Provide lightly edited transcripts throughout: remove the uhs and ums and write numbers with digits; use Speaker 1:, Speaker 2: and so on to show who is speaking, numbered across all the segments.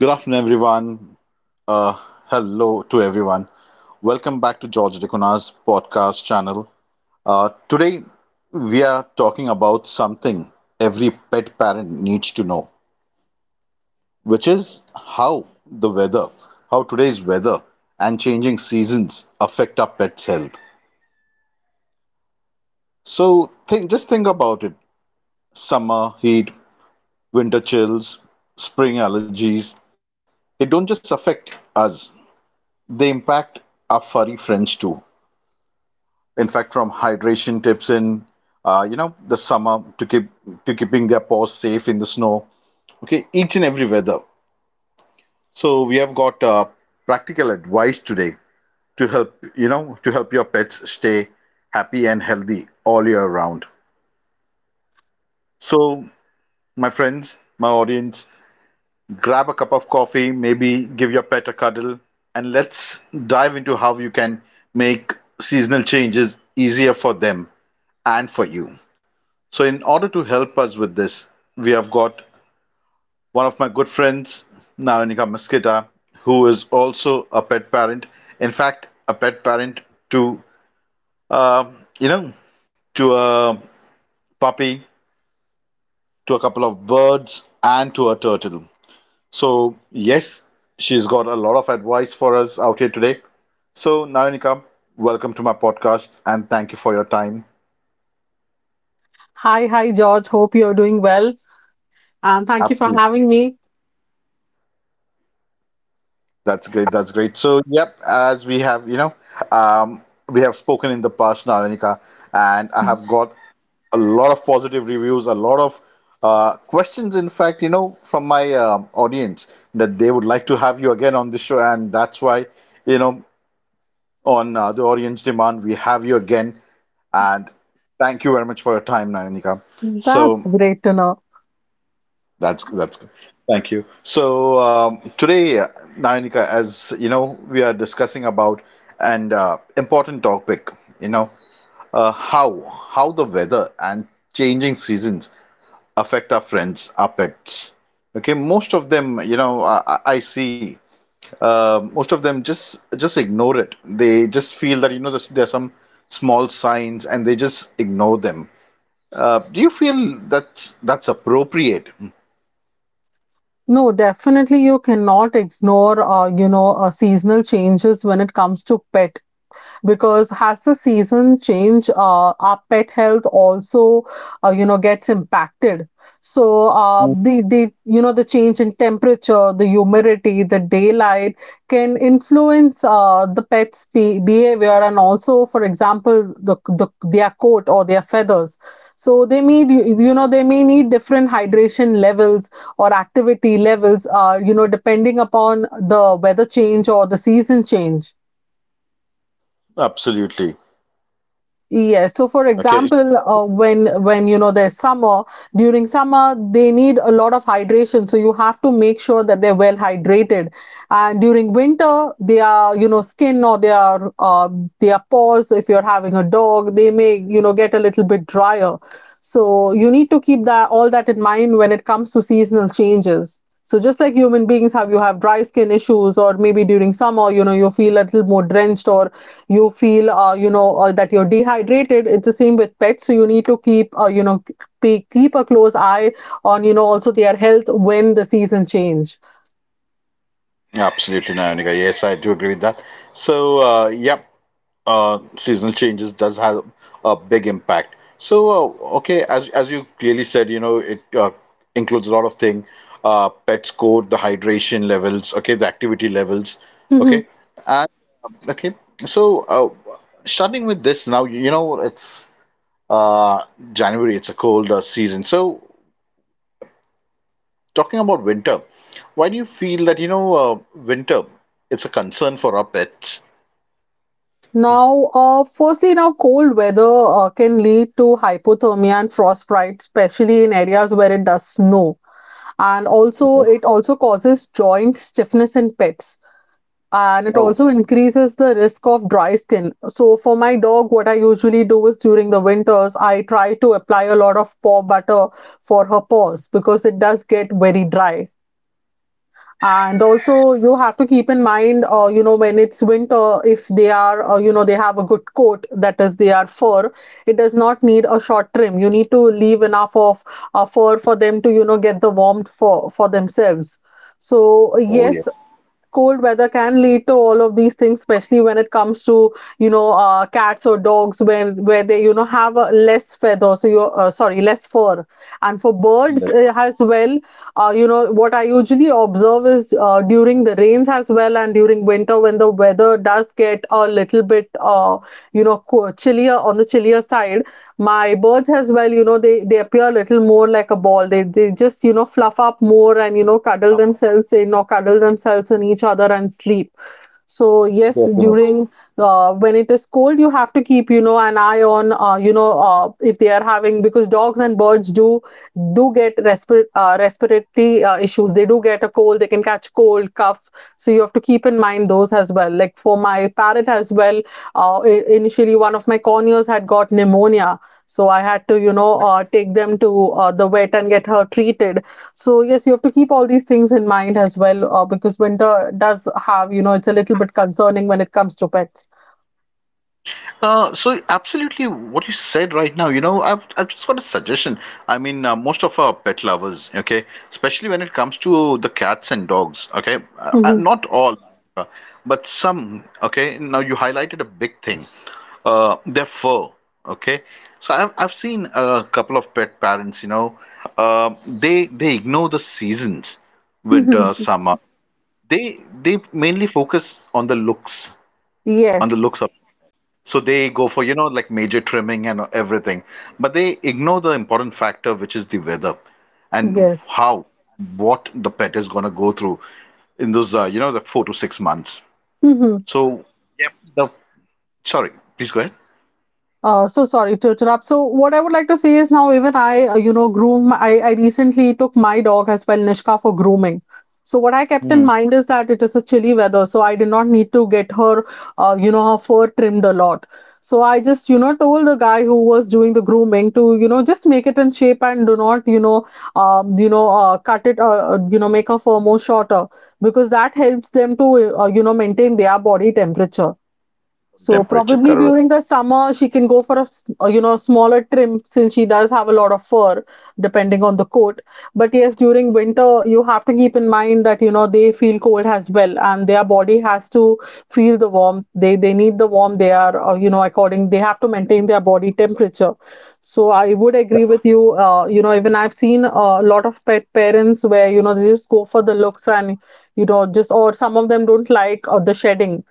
Speaker 1: Good afternoon, everyone. Uh, hello to everyone. Welcome back to George Decona's podcast channel. Today, we are talking about something every pet parent needs to know, which is how today's weather and changing seasons affect our pet's health. So, think just think about it: summer heat, winter chills, spring allergies. They don't just affect us; they impact our furry friends too. In fact, from hydration tips in the summer to keeping their paws safe in the snow, okay, each and every weather. So we have got practical advice today to help your pets stay happy and healthy all year round. So my friends, my audience, grab a cup of coffee, maybe give your pet a cuddle, and let's dive into how you can make seasonal changes easier for them and for you. So, in order to help us with this, we have got one of my good friends, Naonika Mosqueda, who is also a pet parent. In fact, a pet parent to, um you know, to a puppy, to a couple of birds, and to a turtle. So, yes, she's got a lot of advice for us out here today. So, Naonika, welcome to my podcast and thank you for your time.
Speaker 2: Hi, George. Hope you're doing well. And thank you for
Speaker 1: Absolutely.
Speaker 2: having me.
Speaker 1: That's great. That's great. So, yep, as we have, um, we have spoken in the past, Nalanika, and I have got a lot of positive reviews, a lot of questions, in fact, you know, from my audience that they would like to have you again on the show. And that's why, you know, on the audience demand, we have you again. And thank you very much for your time, Nalanika.
Speaker 2: That's
Speaker 1: So,
Speaker 2: great to know.
Speaker 1: that's good. Thank you. So today, Nayanika, as you know, we are discussing about an important topic. You know, uh, how how the weather and changing seasons affect our friends, our pets. Okay, most of them, you know, I see. Most of them just ignore it. They just feel that you know there are some small signs, and they just ignore them. Do you feel that that's appropriate?
Speaker 2: No, definitely you cannot ignore, seasonal changes when it comes to pet. Because has the season changed, our pet health also gets impacted. So the you know the change in temperature, the humidity, the daylight can influence the pet's behavior and also, for example, their coat or their feathers. So they need, they may need different hydration levels or activity levels, depending upon the weather change or the season change.
Speaker 1: Absolutely.
Speaker 2: Yes. So, for example, when you know there's summer, during summer they need a lot of hydration. So you have to make sure that they're well hydrated. And during winter, their you know skin or their paws, if you're having a dog, they may you know get a little bit drier. So you need to keep that all that in mind when it comes to seasonal changes. So just like human beings have, you have dry skin issues, or maybe during summer, you know you feel a little more drenched or you feel, that you're dehydrated. It's the same with pets, so you need to keep a close eye on, you know, also their health when the season change.
Speaker 1: Absolutely, Nayonika. Yes, I do agree with that. So, seasonal changes does have a big impact. So, okay, as you clearly said, you know, it includes a lot of thing, pet score, the hydration levels, okay, the activity levels, okay,
Speaker 2: Mhm.
Speaker 1: and okay. So, starting with this now, you know, it's uh, January. It's a cold season. So, talking about winter, why do you feel that, you know, winter, it's a concern for our pets?
Speaker 2: Now firstly, now cold weather can lead to hypothermia and frostbite, especially in areas where it does snow. And also
Speaker 1: Okay.
Speaker 2: it also causes joint stiffness in pets, and it
Speaker 1: Oh,
Speaker 2: also increases the risk of dry skin. So for my dog, what I usually do is during the winters, I try to apply a lot of paw butter for her paws because it does get very dry. And also, you have to keep in mind, when it's winter, if they are, they have a good coat, that is, they are fur, it does not need a short trim. You need to leave enough of fur for them to, you know, get the warmth for, themselves. So,
Speaker 1: oh yes,
Speaker 2: yes, cold weather can lead to all of these things, especially when it comes to, you know, cats or dogs where they, you know, have a less feather, so you, sorry, less fur. And for birds,
Speaker 1: that's
Speaker 2: as well, you know, what I usually observe is, during the rains as well and during winter, when the weather does get a little bit, you know chillier, on the chillier side, my birds as well, you know, they appear a little more like a ball. They just, you know, fluff up more and, you know, cuddle themselves in or cuddle themselves in each other and sleep. So yes,
Speaker 1: definitely.
Speaker 2: during, when it is cold, you have to keep, you know, an eye on, if they are having, because dogs and birds do get respiratory issues. They do get a cold. They can catch cold, cough. So you have to keep in mind those as well. Like for my parrot as well, uh, initially one of my corneas had got pneumonia. So I had to, you know, take them to the vet and get her treated. So yes, you have to keep all these things in mind as well, because winter does have, you know, it's a little bit concerning when it comes to pets.
Speaker 1: So absolutely what you said right now, you know, I've just got a suggestion. I mean, most of our pet lovers, okay, especially when it comes to the cats and dogs, okay,
Speaker 2: Hmm.
Speaker 1: not all, uh, but some, okay. Now you highlighted a big thing, their fur, okay. So I've seen a couple of pet parents, you know, they ignore the seasons, winter,
Speaker 2: Hmm.
Speaker 1: summer. They mainly focus on the
Speaker 2: Yes,
Speaker 1: looks of so they go for, you know, like major trimming and everything, but they ignore the important factor, which is the weather and
Speaker 2: yes.
Speaker 1: how, what the pet is going to go through in those, you know, the 4 to 6 months.
Speaker 2: Hmm.
Speaker 1: So the, sorry, please go ahead.
Speaker 2: So sorry to interrupt. So what I would like to say is, now even I, you know, groom. I recently took my dog as well, Nishka, for grooming. So what I kept in
Speaker 1: Hmm.
Speaker 2: mind is that it is a chilly weather, so I did not need to get her, you know, her fur trimmed a lot. So I just, you know, told the guy who was doing the grooming to, you know, just make it in shape and do not, you know, cut it, you know, make her fur more shorter because that helps them to, you know, maintain their body temperature. So
Speaker 1: Temperature,
Speaker 2: probably
Speaker 1: correct.
Speaker 2: during the summer, she can go for a you know, smaller trim, since she does have a lot of fur, depending on the coat. But yes, during winter, you have to keep in mind that, you know, they feel cold as well, and their body has to feel the warmth. They need the warmth. They are, you know, according, they have to maintain their body temperature. So I would agree with you. You know, even I've seen a lot of pet parents where, you know, they just go for the looks, and you know, just, or some of them don't like, the shedding.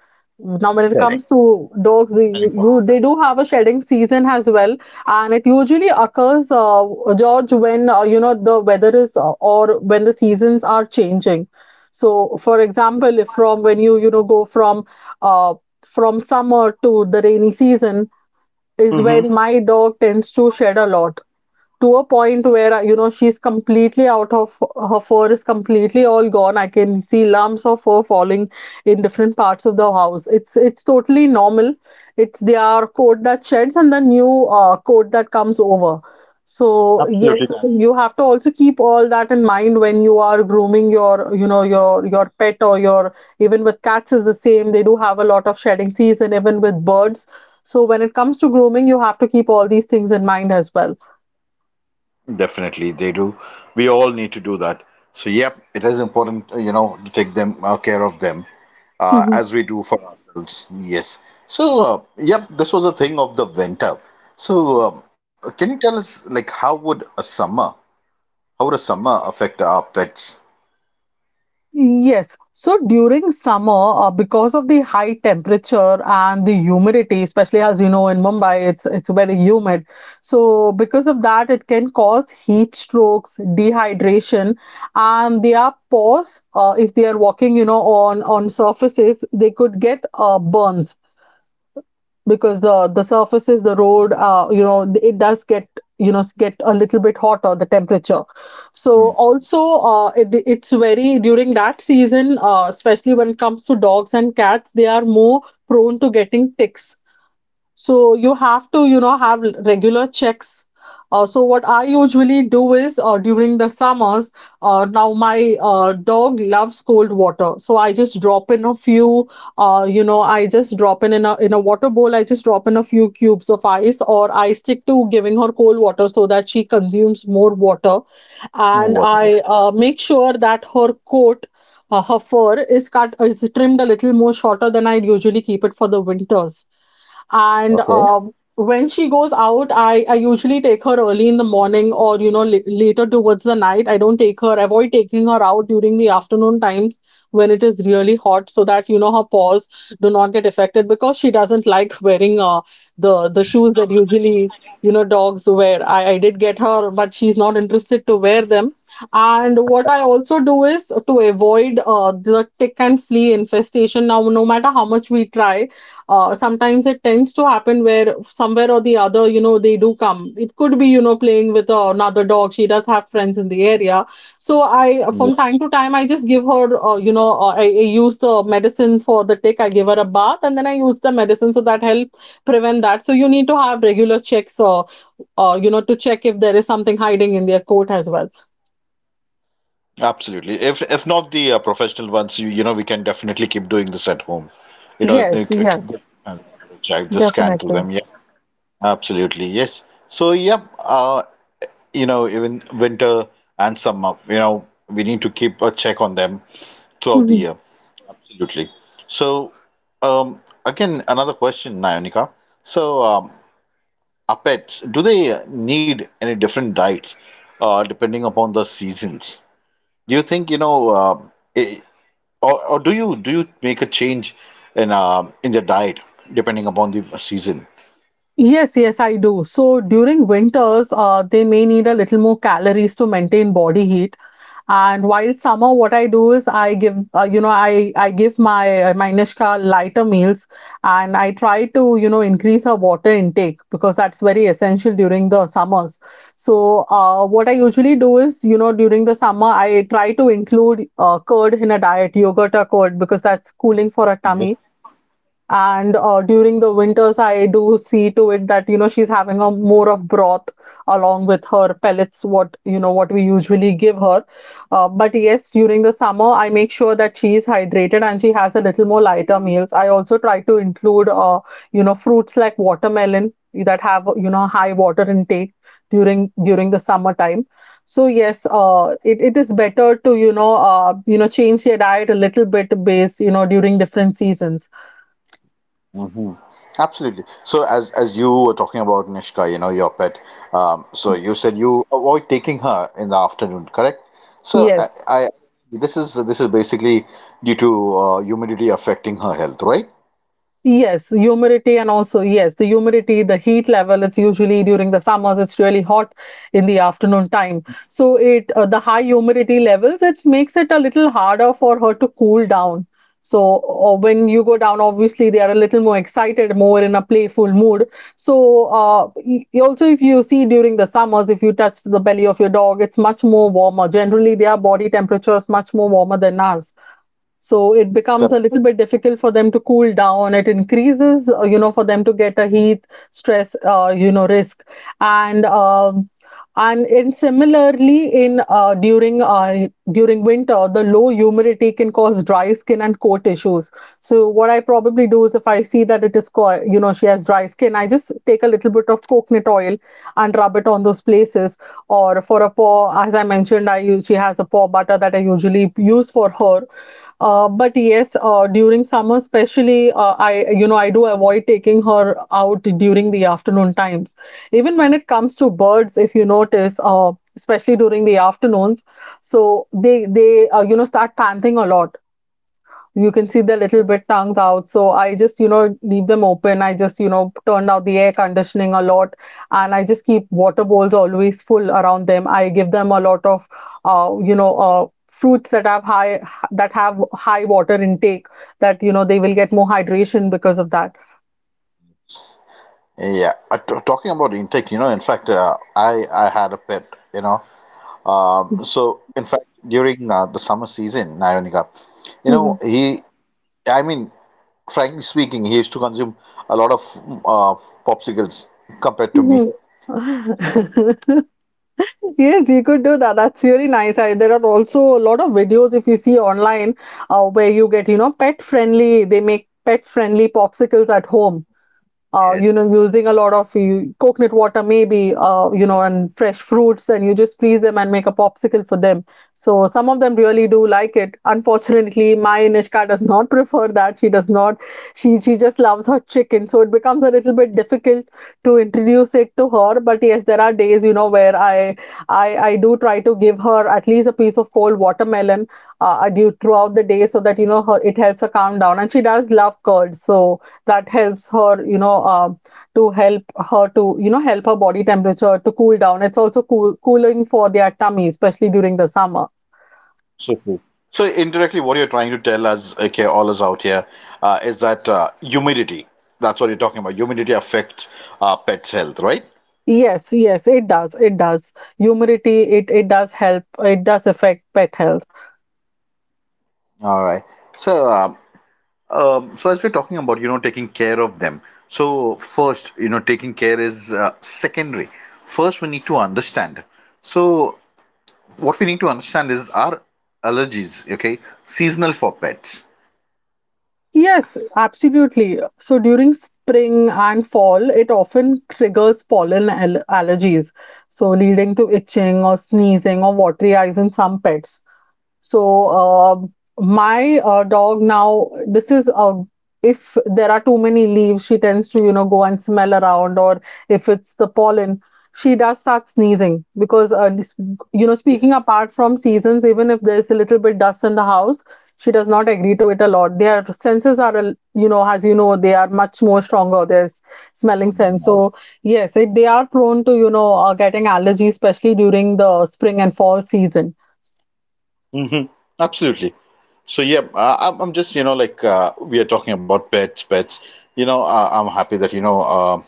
Speaker 2: Now, when it comes to dogs, you they do have a shedding season as well, and it usually occurs, George, when, you know, the weather is, or when the seasons are changing. So, for example, if from when you know, go from, uh, from summer to the rainy season, is when
Speaker 1: Shedding.
Speaker 2: my dog tends to shed a lot, to a point where, you know, she's completely out of, her fur is completely all gone. I can see lumps of fur falling in different parts of the house. It's totally normal. It's their coat that sheds and the new coat that comes over. So yes, you have to also keep all that in mind when you are grooming your, you know, your pet or your, even with cats is the same. They do have a lot of shedding season, even with birds. So when it comes to grooming, you have to keep all these things in mind as well.
Speaker 1: Definitely, they do. We all need to do that. So, yep, it is important, you know, to take them care of them as we do for ourselves. Yes. So, yep, this was a thing of the winter. So, can you tell us, like, how would a summer affect our pets?
Speaker 2: Yes. So during summer, because of the high temperature and the humidity, especially as you know in Mumbai, it's very humid. So because of that, it can cause heat strokes, dehydration, and their pores, if they are walking, you know, on surfaces, they could get burns because the surfaces, the road, uh, you know, it does get, you know, get a little bit hotter, the temperature. So also, it, it's very, during that season, uh, especially when it comes to dogs and cats, they are more prone to getting ticks. So you have to, you know, have regular checks. So what I usually do is, during the summers, now my dog loves cold water. So I just drop in a few, you know, I just drop in a, in a water bowl. I just drop in a few cubes of ice, or I stick to giving her cold water so that she consumes more water. And
Speaker 1: Hmm.
Speaker 2: I, make sure that her coat, her fur is cut, is trimmed a little more shorter than I usually keep it for the winters. And
Speaker 1: Okay.
Speaker 2: when she goes out, I usually take her early in the morning or, you know, later towards the night. I don't take her, avoid taking her out during the afternoon times when it is really hot, so that, you know, her paws do not get affected, because she doesn't like wearing, the shoes that usually, you know, dogs wear. I did get her, but she's not interested to wear them. And what I also do is to avoid, the tick and flea infestation. Now no matter how much we try, sometimes it tends to happen where somewhere or the other, you know, they do come. It could be, you know, playing with, another dog. She does have friends in the area. So I, from
Speaker 1: Yeah.
Speaker 2: time to time, I just give her, you know I use the medicine for the tick. I give her a bath and then I use the medicine so that help prevent that. So you need to have regular checks, you know, to check if there is something hiding in their coat as well.
Speaker 1: Absolutely. If not the professional ones, you know, we can definitely keep doing this at home. You know,
Speaker 2: Yes,
Speaker 1: like, c-
Speaker 2: yes,
Speaker 1: go- I just scan through
Speaker 2: definitely.
Speaker 1: them. Yeah, absolutely. Yes. So, yep. You know, even winter and summer, you know, we need to keep a check on them throughout the year. Absolutely. So, again, another question, Nayonika. So, our pets, do they need any different diets depending upon the seasons? Do you think, you know, I or do you make a change in the diet depending upon the season?
Speaker 2: Yes, yes, I do. So during winters, they may need a little more calories to maintain body heat. And while summer, what I do is I give, you know, I give my my Nishka lighter meals, and I try to, you know, increase her water intake because that's very essential during the summers. What I usually do is, you know, during the summer, I try to include curd in a diet, yogurt or curd, because that's cooling for her tummy and during the winters, I do see to it that, you know, she's having a more of broth along with her pellets, what, you know, what we usually give her. But yes, during the summer, I make sure that she is hydrated and she has a little more lighter meals. I also try to include you know, fruits like watermelon that have, you know, high water intake during the summertime. So yes, it is better to, you know, you know, change your diet a little bit based, you know, during different seasons.
Speaker 1: Absolutely. So as you were talking about Nishka, you know, your pet, so you said you avoid taking her in the afternoon, correct? So
Speaker 2: Yes
Speaker 1: I this is basically due to humidity affecting her health, right?
Speaker 2: Yes, humidity, and also, yes, the humidity, the heat level, it's usually during the summers, it's really hot in the afternoon time. So it the high humidity levels, it makes it a little harder for her to cool down. So when you go down, obviously they are a little more excited, more in a playful mood. So also, if you see during the summers, if you touch the belly of your dog, it's much more warmer. Generally, their body temperature is much more warmer than ours. So it becomes
Speaker 1: Correct.
Speaker 2: a little bit difficult for them to cool down. It increases, you know, for them to get a heat stress, you know, risk. And um, and in similarly in during winter, the low humidity can cause dry skin and coat issues. So what I probably do is, if I see that it is, you know, she has dry skin, I just take a little bit of coconut oil and rub it on those places. Or for a paw, as I mentioned, I use, she has a paw butter that I usually use for her. But yes, during summer, especially, I, you know, I do avoid taking her out during the afternoon times. Even when it comes to birds, if you notice, especially during the afternoons, so they you know, start panting a lot. You can see they're a little bit tongued out. So I just, you know, leave them open. I just, you know, turned out the air conditioning a lot, and I just keep water bowls always full around them. I give them a lot of, you know, fruits that have high water intake, that, you know, they will get more hydration because of that.
Speaker 1: Yeah. T- talking about intake, you know, in fact, I had a pet, you know. So in fact, during the summer season, Nayonika, you know,
Speaker 2: Mhm.
Speaker 1: I mean, frankly speaking, he used to consume a lot of popsicles compared to me.
Speaker 2: Mhm. Yes, you could do that. That's really nice. I, there are also a lot of videos if you see online where you get, you know, pet friendly, they make pet friendly popsicles at home, you
Speaker 1: Yes,
Speaker 2: know, using a lot of you, coconut water, maybe, you know, and fresh fruits, and you just freeze them and make a popsicle for them. So some of them really do like it. Unfortunately, my Nishka does not prefer that. She does not. She just loves her chicken. So it becomes a little bit difficult to introduce it to her. But yes, there are days, you know, where I do try to give her at least a piece of cold watermelon due throughout the day so that, you know, her, it helps her calm down. And she does love curds. So that helps her, you know, to help her to, you know, help her body temperature to cool down. It's also cooling for their tummy, especially during the summer.
Speaker 1: so true. So indirectly, what you're trying to tell us, okay, all us out here, is that humidity. That's what you're talking about. Humidity affects pets' health, right?
Speaker 2: Yes, yes, it does. It does. Humidity, it does help. It does affect pet health.
Speaker 1: All right. So, so as we're talking about, you know, taking care of them. So first, you know, taking care is secondary. First, we need to understand. So what we need to understand is are allergies, okay, seasonal for pets?
Speaker 2: Yes, absolutely. So during spring and fall, it often triggers allergies, so leading to itching or sneezing or watery eyes in some pets. So my dog now, this is a if there are too many leaves, she tends to, you know, go and smell around, or if it's the pollen, she does start sneezing because you know, speaking apart from seasons, even if there's a little bit dust in the house. She does not agree to it a lot. Their senses are, you know, as you know, they are much more stronger. Their smelling sense. So yes, they are prone to, you know, getting allergies, especially during the spring and fall season.
Speaker 1: Hmm. Absolutely. So yeah, I'm just you know like we are talking about pets. You know, I'm happy that you know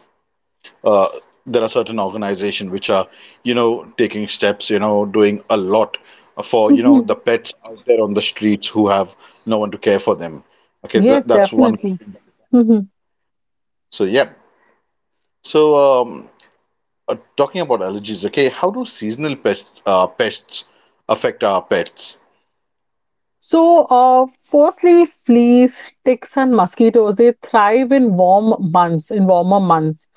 Speaker 1: uh, there are certain organizations which are you know taking steps, you know, doing a lot for you know the pets out there on the streets who have no one to care for them. Okay,
Speaker 2: Yes,
Speaker 1: that's one.
Speaker 2: definitely. Hmm.
Speaker 1: So yeah. So talking about allergies, okay, how do seasonal pests pests affect our pets?
Speaker 2: So, firstly, fleas, ticks, and mosquitoes, they thrive in warmer months.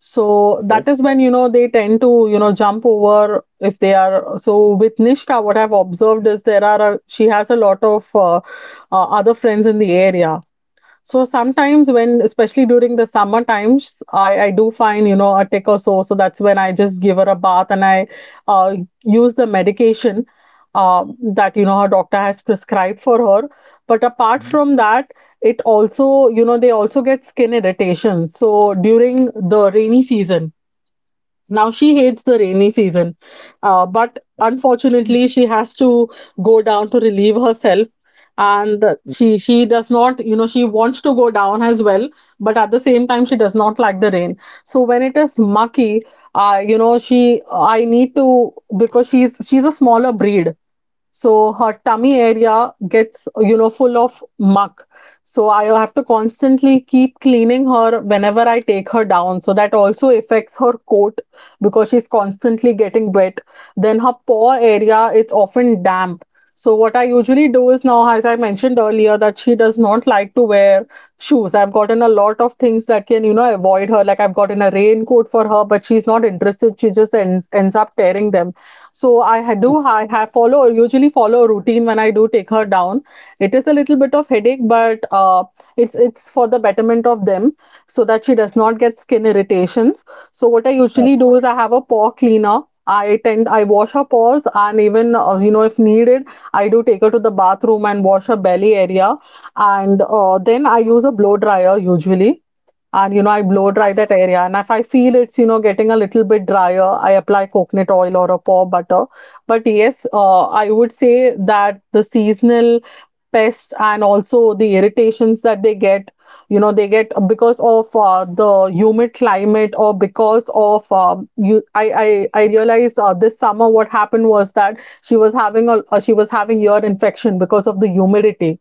Speaker 2: So that is when, you know, they tend to, you know, jump over if they are. So with Nishka, what I've observed is there are a, she has a lot of other friends in the area. So sometimes when, especially during the summer times, I do find, you know, a tick or so. So that's when I just give her a bath and I uh, use the medication uh, that, you know, her doctor has prescribed for her. But apart from that, it also, you know, they also get skin irritation. So during the rainy season, now she hates the rainy season, but unfortunately she has to go down to relieve herself, and she does not, you know, she wants to go down as well, but at the same time she does not like the rain. So when it is mucky, you know, she I need to, because she's a smaller breed, so her tummy area gets, you know, full of muck. So I have to constantly keep cleaning her whenever I take her down. So that also affects her coat because she's constantly getting wet. Then her paw area, it's often damp. So what I usually do is now, as I mentioned earlier, that she does not like to wear shoes. I've gotten a lot of things that can, you know, avoid her. Like I've gotten a raincoat for her, but she's not interested. She just ends up tearing them. So I do I have follow usually follow a routine when I do take her down. It is a little bit of headache, but it's for the betterment of them so that she does not get skin irritations. So what I usually do is I have a paw cleaner. I wash her paws, and even you know, if needed, I do take her to the bathroom and wash her belly area, and then I use a blow dryer usually, and, you know, I blow dry that area, and if I feel it's, you know, getting a little bit drier, I apply coconut oil or a paw butter. But yes, I would say that the seasonal pests and also the irritations that they get, you know, they get because of the humid climate, or because of you I realized this summer what happened was that she was having ear infection because of the humidity,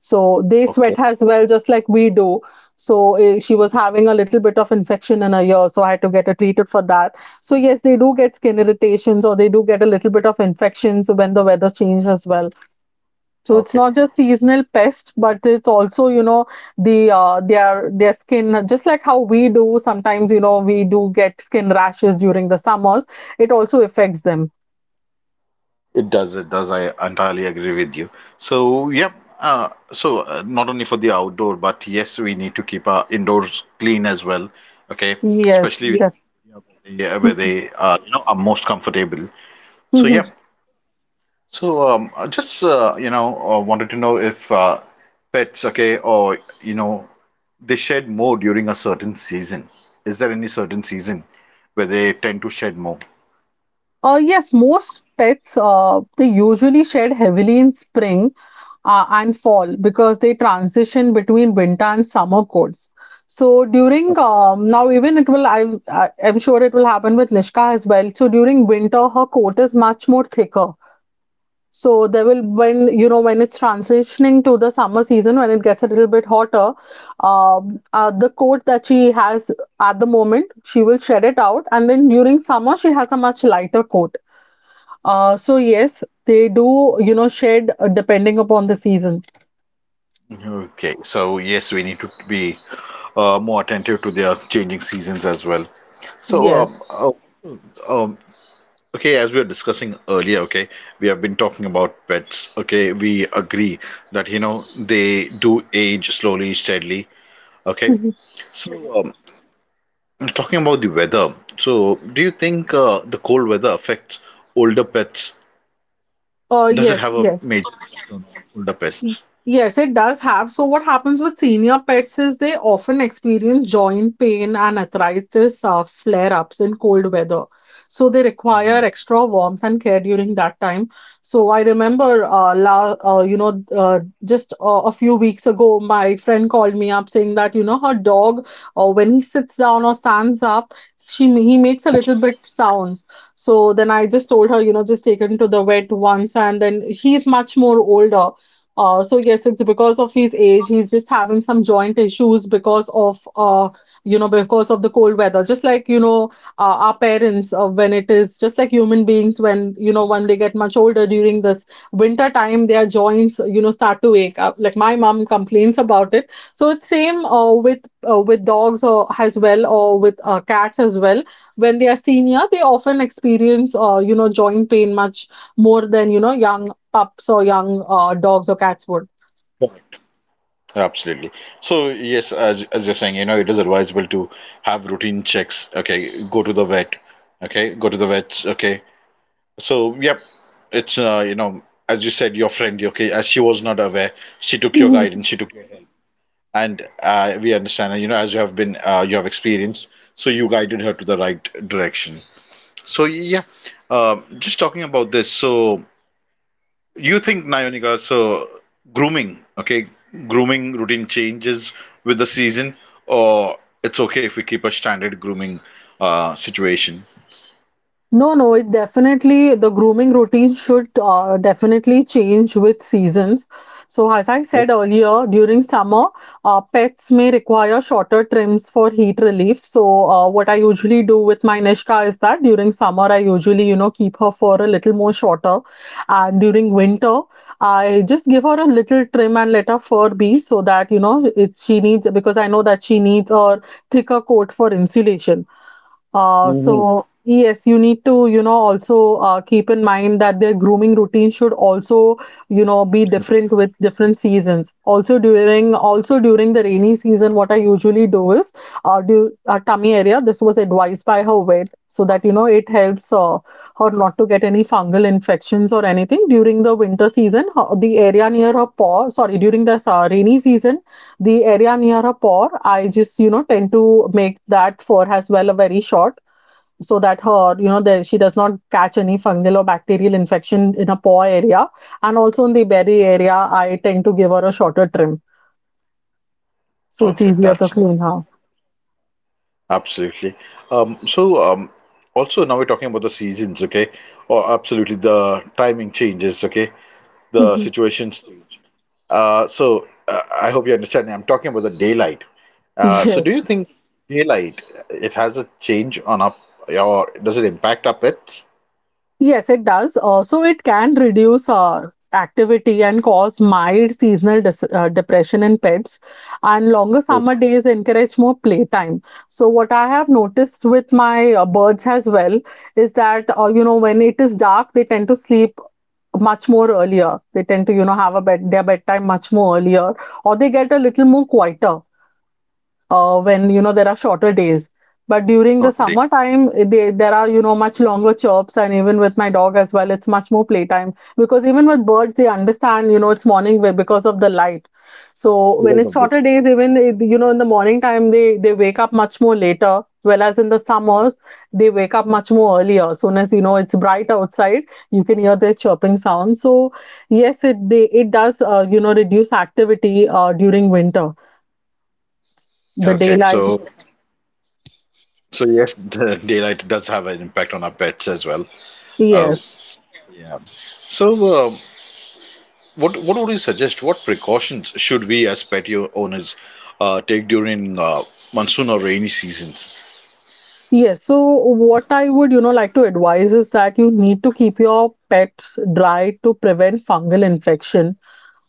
Speaker 2: so they sweat
Speaker 1: Okay.
Speaker 2: as well, just like we do. So she was having a little bit of infection in her ear, so I had to get her treated for that. So yes, they do get skin irritations, or they do get a little bit of infections when the weather changes as well. So it's
Speaker 1: Okay.
Speaker 2: not just seasonal pest, but it's also, you know, the their skin, just like how we do. Sometimes, you know, we do get skin rashes during the summers. It also affects them.
Speaker 1: It does, it does. I entirely agree with you. So, yep. So, not only for the outdoor, but yes, we need to keep our indoors clean as well. Okay,
Speaker 2: Yes,
Speaker 1: especially with,
Speaker 2: yes.
Speaker 1: yeah, where
Speaker 2: Yes.
Speaker 1: they you know are most comfortable. So, yeah. So, I just wanted to know if pets, okay, or you know they shed more during a certain season. Is there any certain season where they tend to shed more?
Speaker 2: Yes, most pets they usually shed heavily in spring and fall because they transition between winter and summer coats. So during now even it will I'm sure it will happen with Nishka as well. So during winter her coat is much more thicker. So there will, when, you know, when it's transitioning to the summer season, when it gets a little bit hotter, the coat that she has at the moment, she will shed it out, and then during summer she has a much lighter coat. So yes, they do, you know, shed depending upon the season.
Speaker 1: Okay, so yes, we need to be more attentive to their changing seasons as well. So,
Speaker 2: Yes.
Speaker 1: um, okay, as we were discussing earlier, okay, we have been talking about pets. Okay, we agree that you know they do age slowly, steadily. Okay,
Speaker 2: Mhm.
Speaker 1: so um, talking about the weather, so do you think the cold weather affects older pets? Does it
Speaker 2: Yes,
Speaker 1: have a
Speaker 2: yes.
Speaker 1: major older
Speaker 2: Y-
Speaker 1: pets?
Speaker 2: Yes, it does have. So, what happens with senior pets is they often experience joint pain and arthritis flare-ups in cold weather. So, they require extra warmth and care during that time. So, I remember, you know, just a few weeks ago, my friend called me up saying that, you know, her dog, when he sits down or stands up, she he makes a little bit sounds. So then I just told her, you know, just take him to the vet once, and then he's much more older. So yes, it's because of his age. He's just having some joint issues because of you know, because of the cold weather. Just like, you know, our parents when it is, just like human beings, when, you know, when they get much older during this winter time, their joints, you know, start to ache. Like my mom complains about it. So it's same with dogs or as well or with cats as well. When they are senior, they often experience joint pain much more than young pups or young dogs or cats would.
Speaker 1: Absolutely. So yes, as you're saying, you know, it is advisable to have routine checks. Okay, go to the vet. Okay, go to the vet. Okay. So yep, it's you know, as you said, your friend. Okay, as she was not aware, she took your guidance. She took your help, and we understand. You know, as you have been, you have experienced. So you guided her to the right direction. So yeah, just talking about this. So you think, Nayonika, so grooming, okay, grooming routine changes with the season, or it's okay if we keep a standard grooming situation?
Speaker 2: No, no, it definitely the grooming routine should definitely change with seasons. So, as I said earlier, during summer, pets may require shorter trims for heat relief. So, what I usually do with my Nishka is that during summer, I usually, you know, keep her for a little more shorter. And during winter, I just give her a little trim and let her fur be so that, you know, it's she needs because I know that she needs a thicker coat for insulation. Uh,
Speaker 1: Hmm.
Speaker 2: so yes, you need to, you know, also keep in mind that their grooming routine should also, you know, be different with different seasons. Also during the rainy season, what I usually do is, do tummy area. This was advised by her vet, so that you know it helps her not to get any fungal infections or anything during the winter season. Her, the area near her paw, sorry, during the rainy season, the area near her paw, I just you know tend to make that fur as well a very short so that her you know that she does not catch any fungal or bacterial infection in a paw area and also in the belly area I tend to give her a shorter trim so it's
Speaker 1: Okay,
Speaker 2: easier to
Speaker 1: that's
Speaker 2: clean her.
Speaker 1: absolutely. So also now we're talking about the seasons, okay? Or absolutely the timing changes, okay? The situations. So I hope you understand. I'm talking about the daylight. So
Speaker 2: Yes.
Speaker 1: do you think daylight it has a change on up or does it impact up it?
Speaker 2: Yes, it does. Also, it can reduce activity and cause mild seasonal depression in pets. And longer
Speaker 1: Oh,
Speaker 2: summer days encourage more playtime. So, what I have noticed with my birds as well is that, you know, when it is dark, they tend to sleep much more earlier. They tend to, you know, have a bed their bedtime much more earlier, or they get a little more quieter when you know there are shorter days, but during the
Speaker 1: totally.
Speaker 2: summertime there are you know much longer chirps, and even with my dog as well it's much more playtime, because even with birds they understand you know it's morning because of the light. So when it's shorter days, even you know in the morning time, they wake up much more later, whereas in the summers they wake up much more earlier as soon as you know it's bright outside you can hear their chirping sound. So yes, it does reduce activity during winter, the
Speaker 1: Okay,
Speaker 2: daylight.
Speaker 1: so so yes, the daylight does have an impact on our pets as well. Oh,
Speaker 2: Yes.
Speaker 1: yeah. So uh, what would you suggest? What precautions should we as pet yo- owners take during monsoon or rainy seasons?
Speaker 2: Yes. So what I would, you know, like to advise is that you need to keep your pets dry to prevent fungal infection.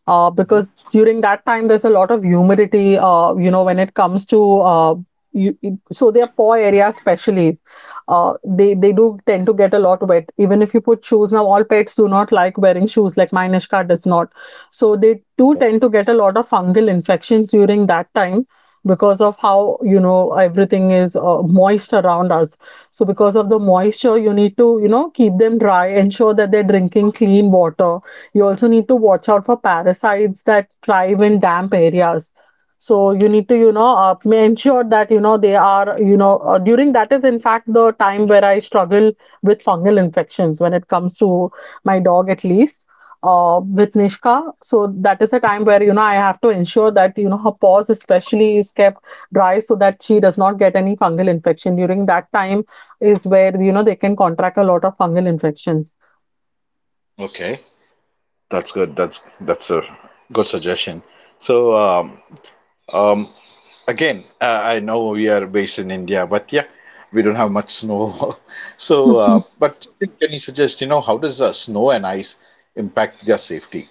Speaker 1: Mhm.
Speaker 2: Because during that time there's a lot of humidity when it comes to you, so their paw area especially, they do tend to get a lot wet even if you put shoes. Now all pets do not like wearing shoes, like my Nishka does not, so they do tend to get a lot of fungal infections during that time because of how you know everything is moist around us. So because of the moisture you need to you know keep them dry, ensure that they're drinking clean water. You also need to watch out for parasites that thrive in damp areas. So you need to, you know, ensure that, you know, they are, you know, during that is in fact the time where I struggle with fungal infections when it comes to my dog at least. With Nishka, so that is a time where you know I have to ensure that you know her paws especially is kept dry so that she does not get any fungal infection. During that time is where you know they can contract a lot of fungal infections.
Speaker 1: Okay, that's good. That's a good suggestion. So um, again, I know we are based in India, but yeah, we don't have much snow. So, but still, can you suggest, you know, how does snow and ice impact their safety?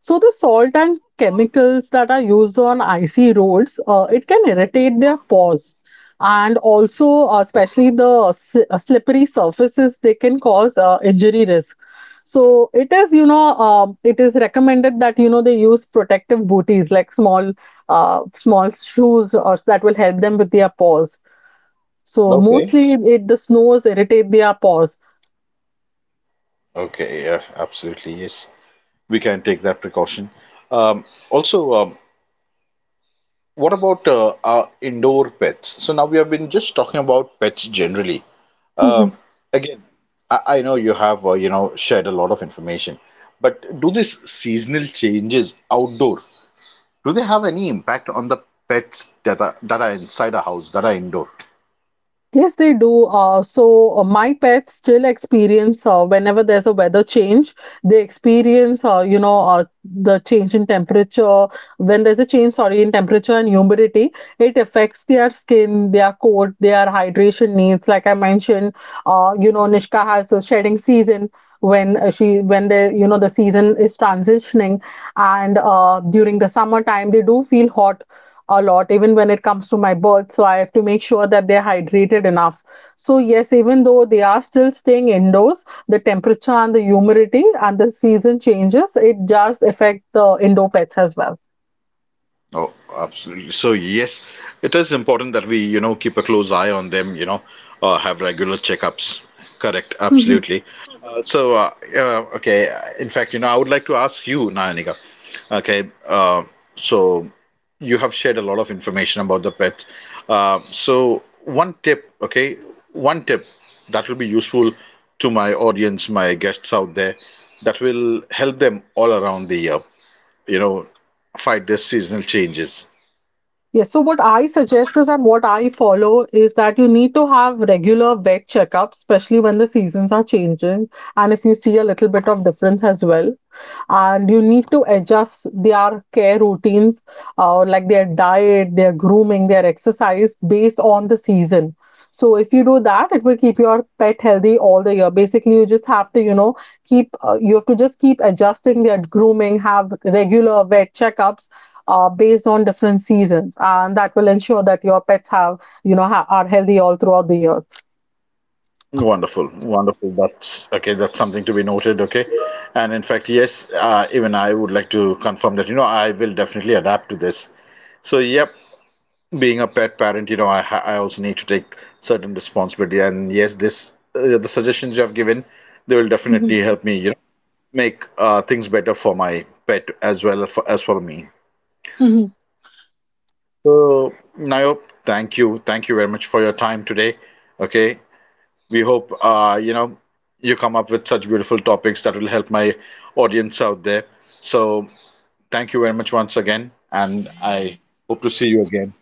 Speaker 2: So the salt and chemicals that are used on icy roads, it can irritate their paws. And also, especially the slippery surfaces, they can cause injury risk. So it is, you know, it is recommended that you know they use protective booties like small, small shoes or that will help them with their paws. So
Speaker 1: Okay.
Speaker 2: mostly, it the snows irritate their paws.
Speaker 1: Okay, yeah, absolutely. Yes, we can take that precaution. Um, also, what about our indoor pets? So now we have been just talking about pets generally. Um, again, I know you have you know shared a lot of information, but do these seasonal changes outdoor do they have any impact on the pets that are inside a house that are indoor?
Speaker 2: Yes, they do. So my pets still experience whenever there's a weather change, they experience the change in temperature. When there's a change, sorry, in temperature and humidity, it affects their skin, their coat, their hydration needs. Like I mentioned, you know, Nishka has the shedding season when she when the you know the season is transitioning, and during the summertime they do feel hot a lot, even when it comes to my birth. So I have to make sure that they're hydrated enough. So yes, even though they are still staying indoors, the temperature and the humidity and the season changes, it does affect the indoor pets as well.
Speaker 1: Oh, absolutely. So yes, it is important that we, you know, keep a close eye on them, you know, have regular checkups. Correct,
Speaker 2: Mhm.
Speaker 1: absolutely. So, okay, in fact, you know, I would like to ask you, Nayanika. Okay, so you have shared a lot of information about the pets. So one tip, okay, one tip that will be useful to my audience, my guests out there, that will help them all around the year, you know, fight these seasonal changes.
Speaker 2: Yes, so what I suggest is and what I follow is that you need to have regular vet checkups, especially when the seasons are changing and if you see a little bit of difference as well. And you need to adjust their care routines, like their diet, their grooming, their exercise based on the season. So if you do that it will keep your pet healthy all the year. Basically you just have to you know keep you have to just keep adjusting their grooming, have regular vet checkups based on different seasons, and that will ensure that your pets have you know are healthy all throughout the year.
Speaker 1: Wonderful, wonderful. That's okay. That's something to be noted. Okay, and in fact, yes, even I would like to confirm that you know I will definitely adapt to this. So, yep, being a pet parent, you know, I also need to take certain responsibility. And yes, this the suggestions you have given, they will definitely help me, you know, make things better for my pet as well as for me.
Speaker 2: Mhm.
Speaker 1: So, Nayop, thank you very much for your time today. Okay, we hope you know you come up with such beautiful topics that will help my audience out there. So thank you very much once again, and I hope to see you again.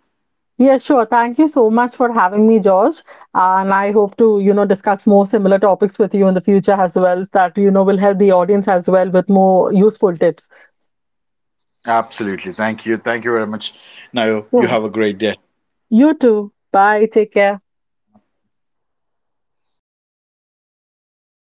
Speaker 2: Yeah, sure. Thank you so much for having me, George. And I hope to, you know, discuss more similar topics with you in the future as well, that, you know, will help the audience as well with more useful tips.
Speaker 1: Absolutely, thank you very much. Now you
Speaker 2: Yeah.
Speaker 1: have a great day.
Speaker 2: You too. Bye. Take care.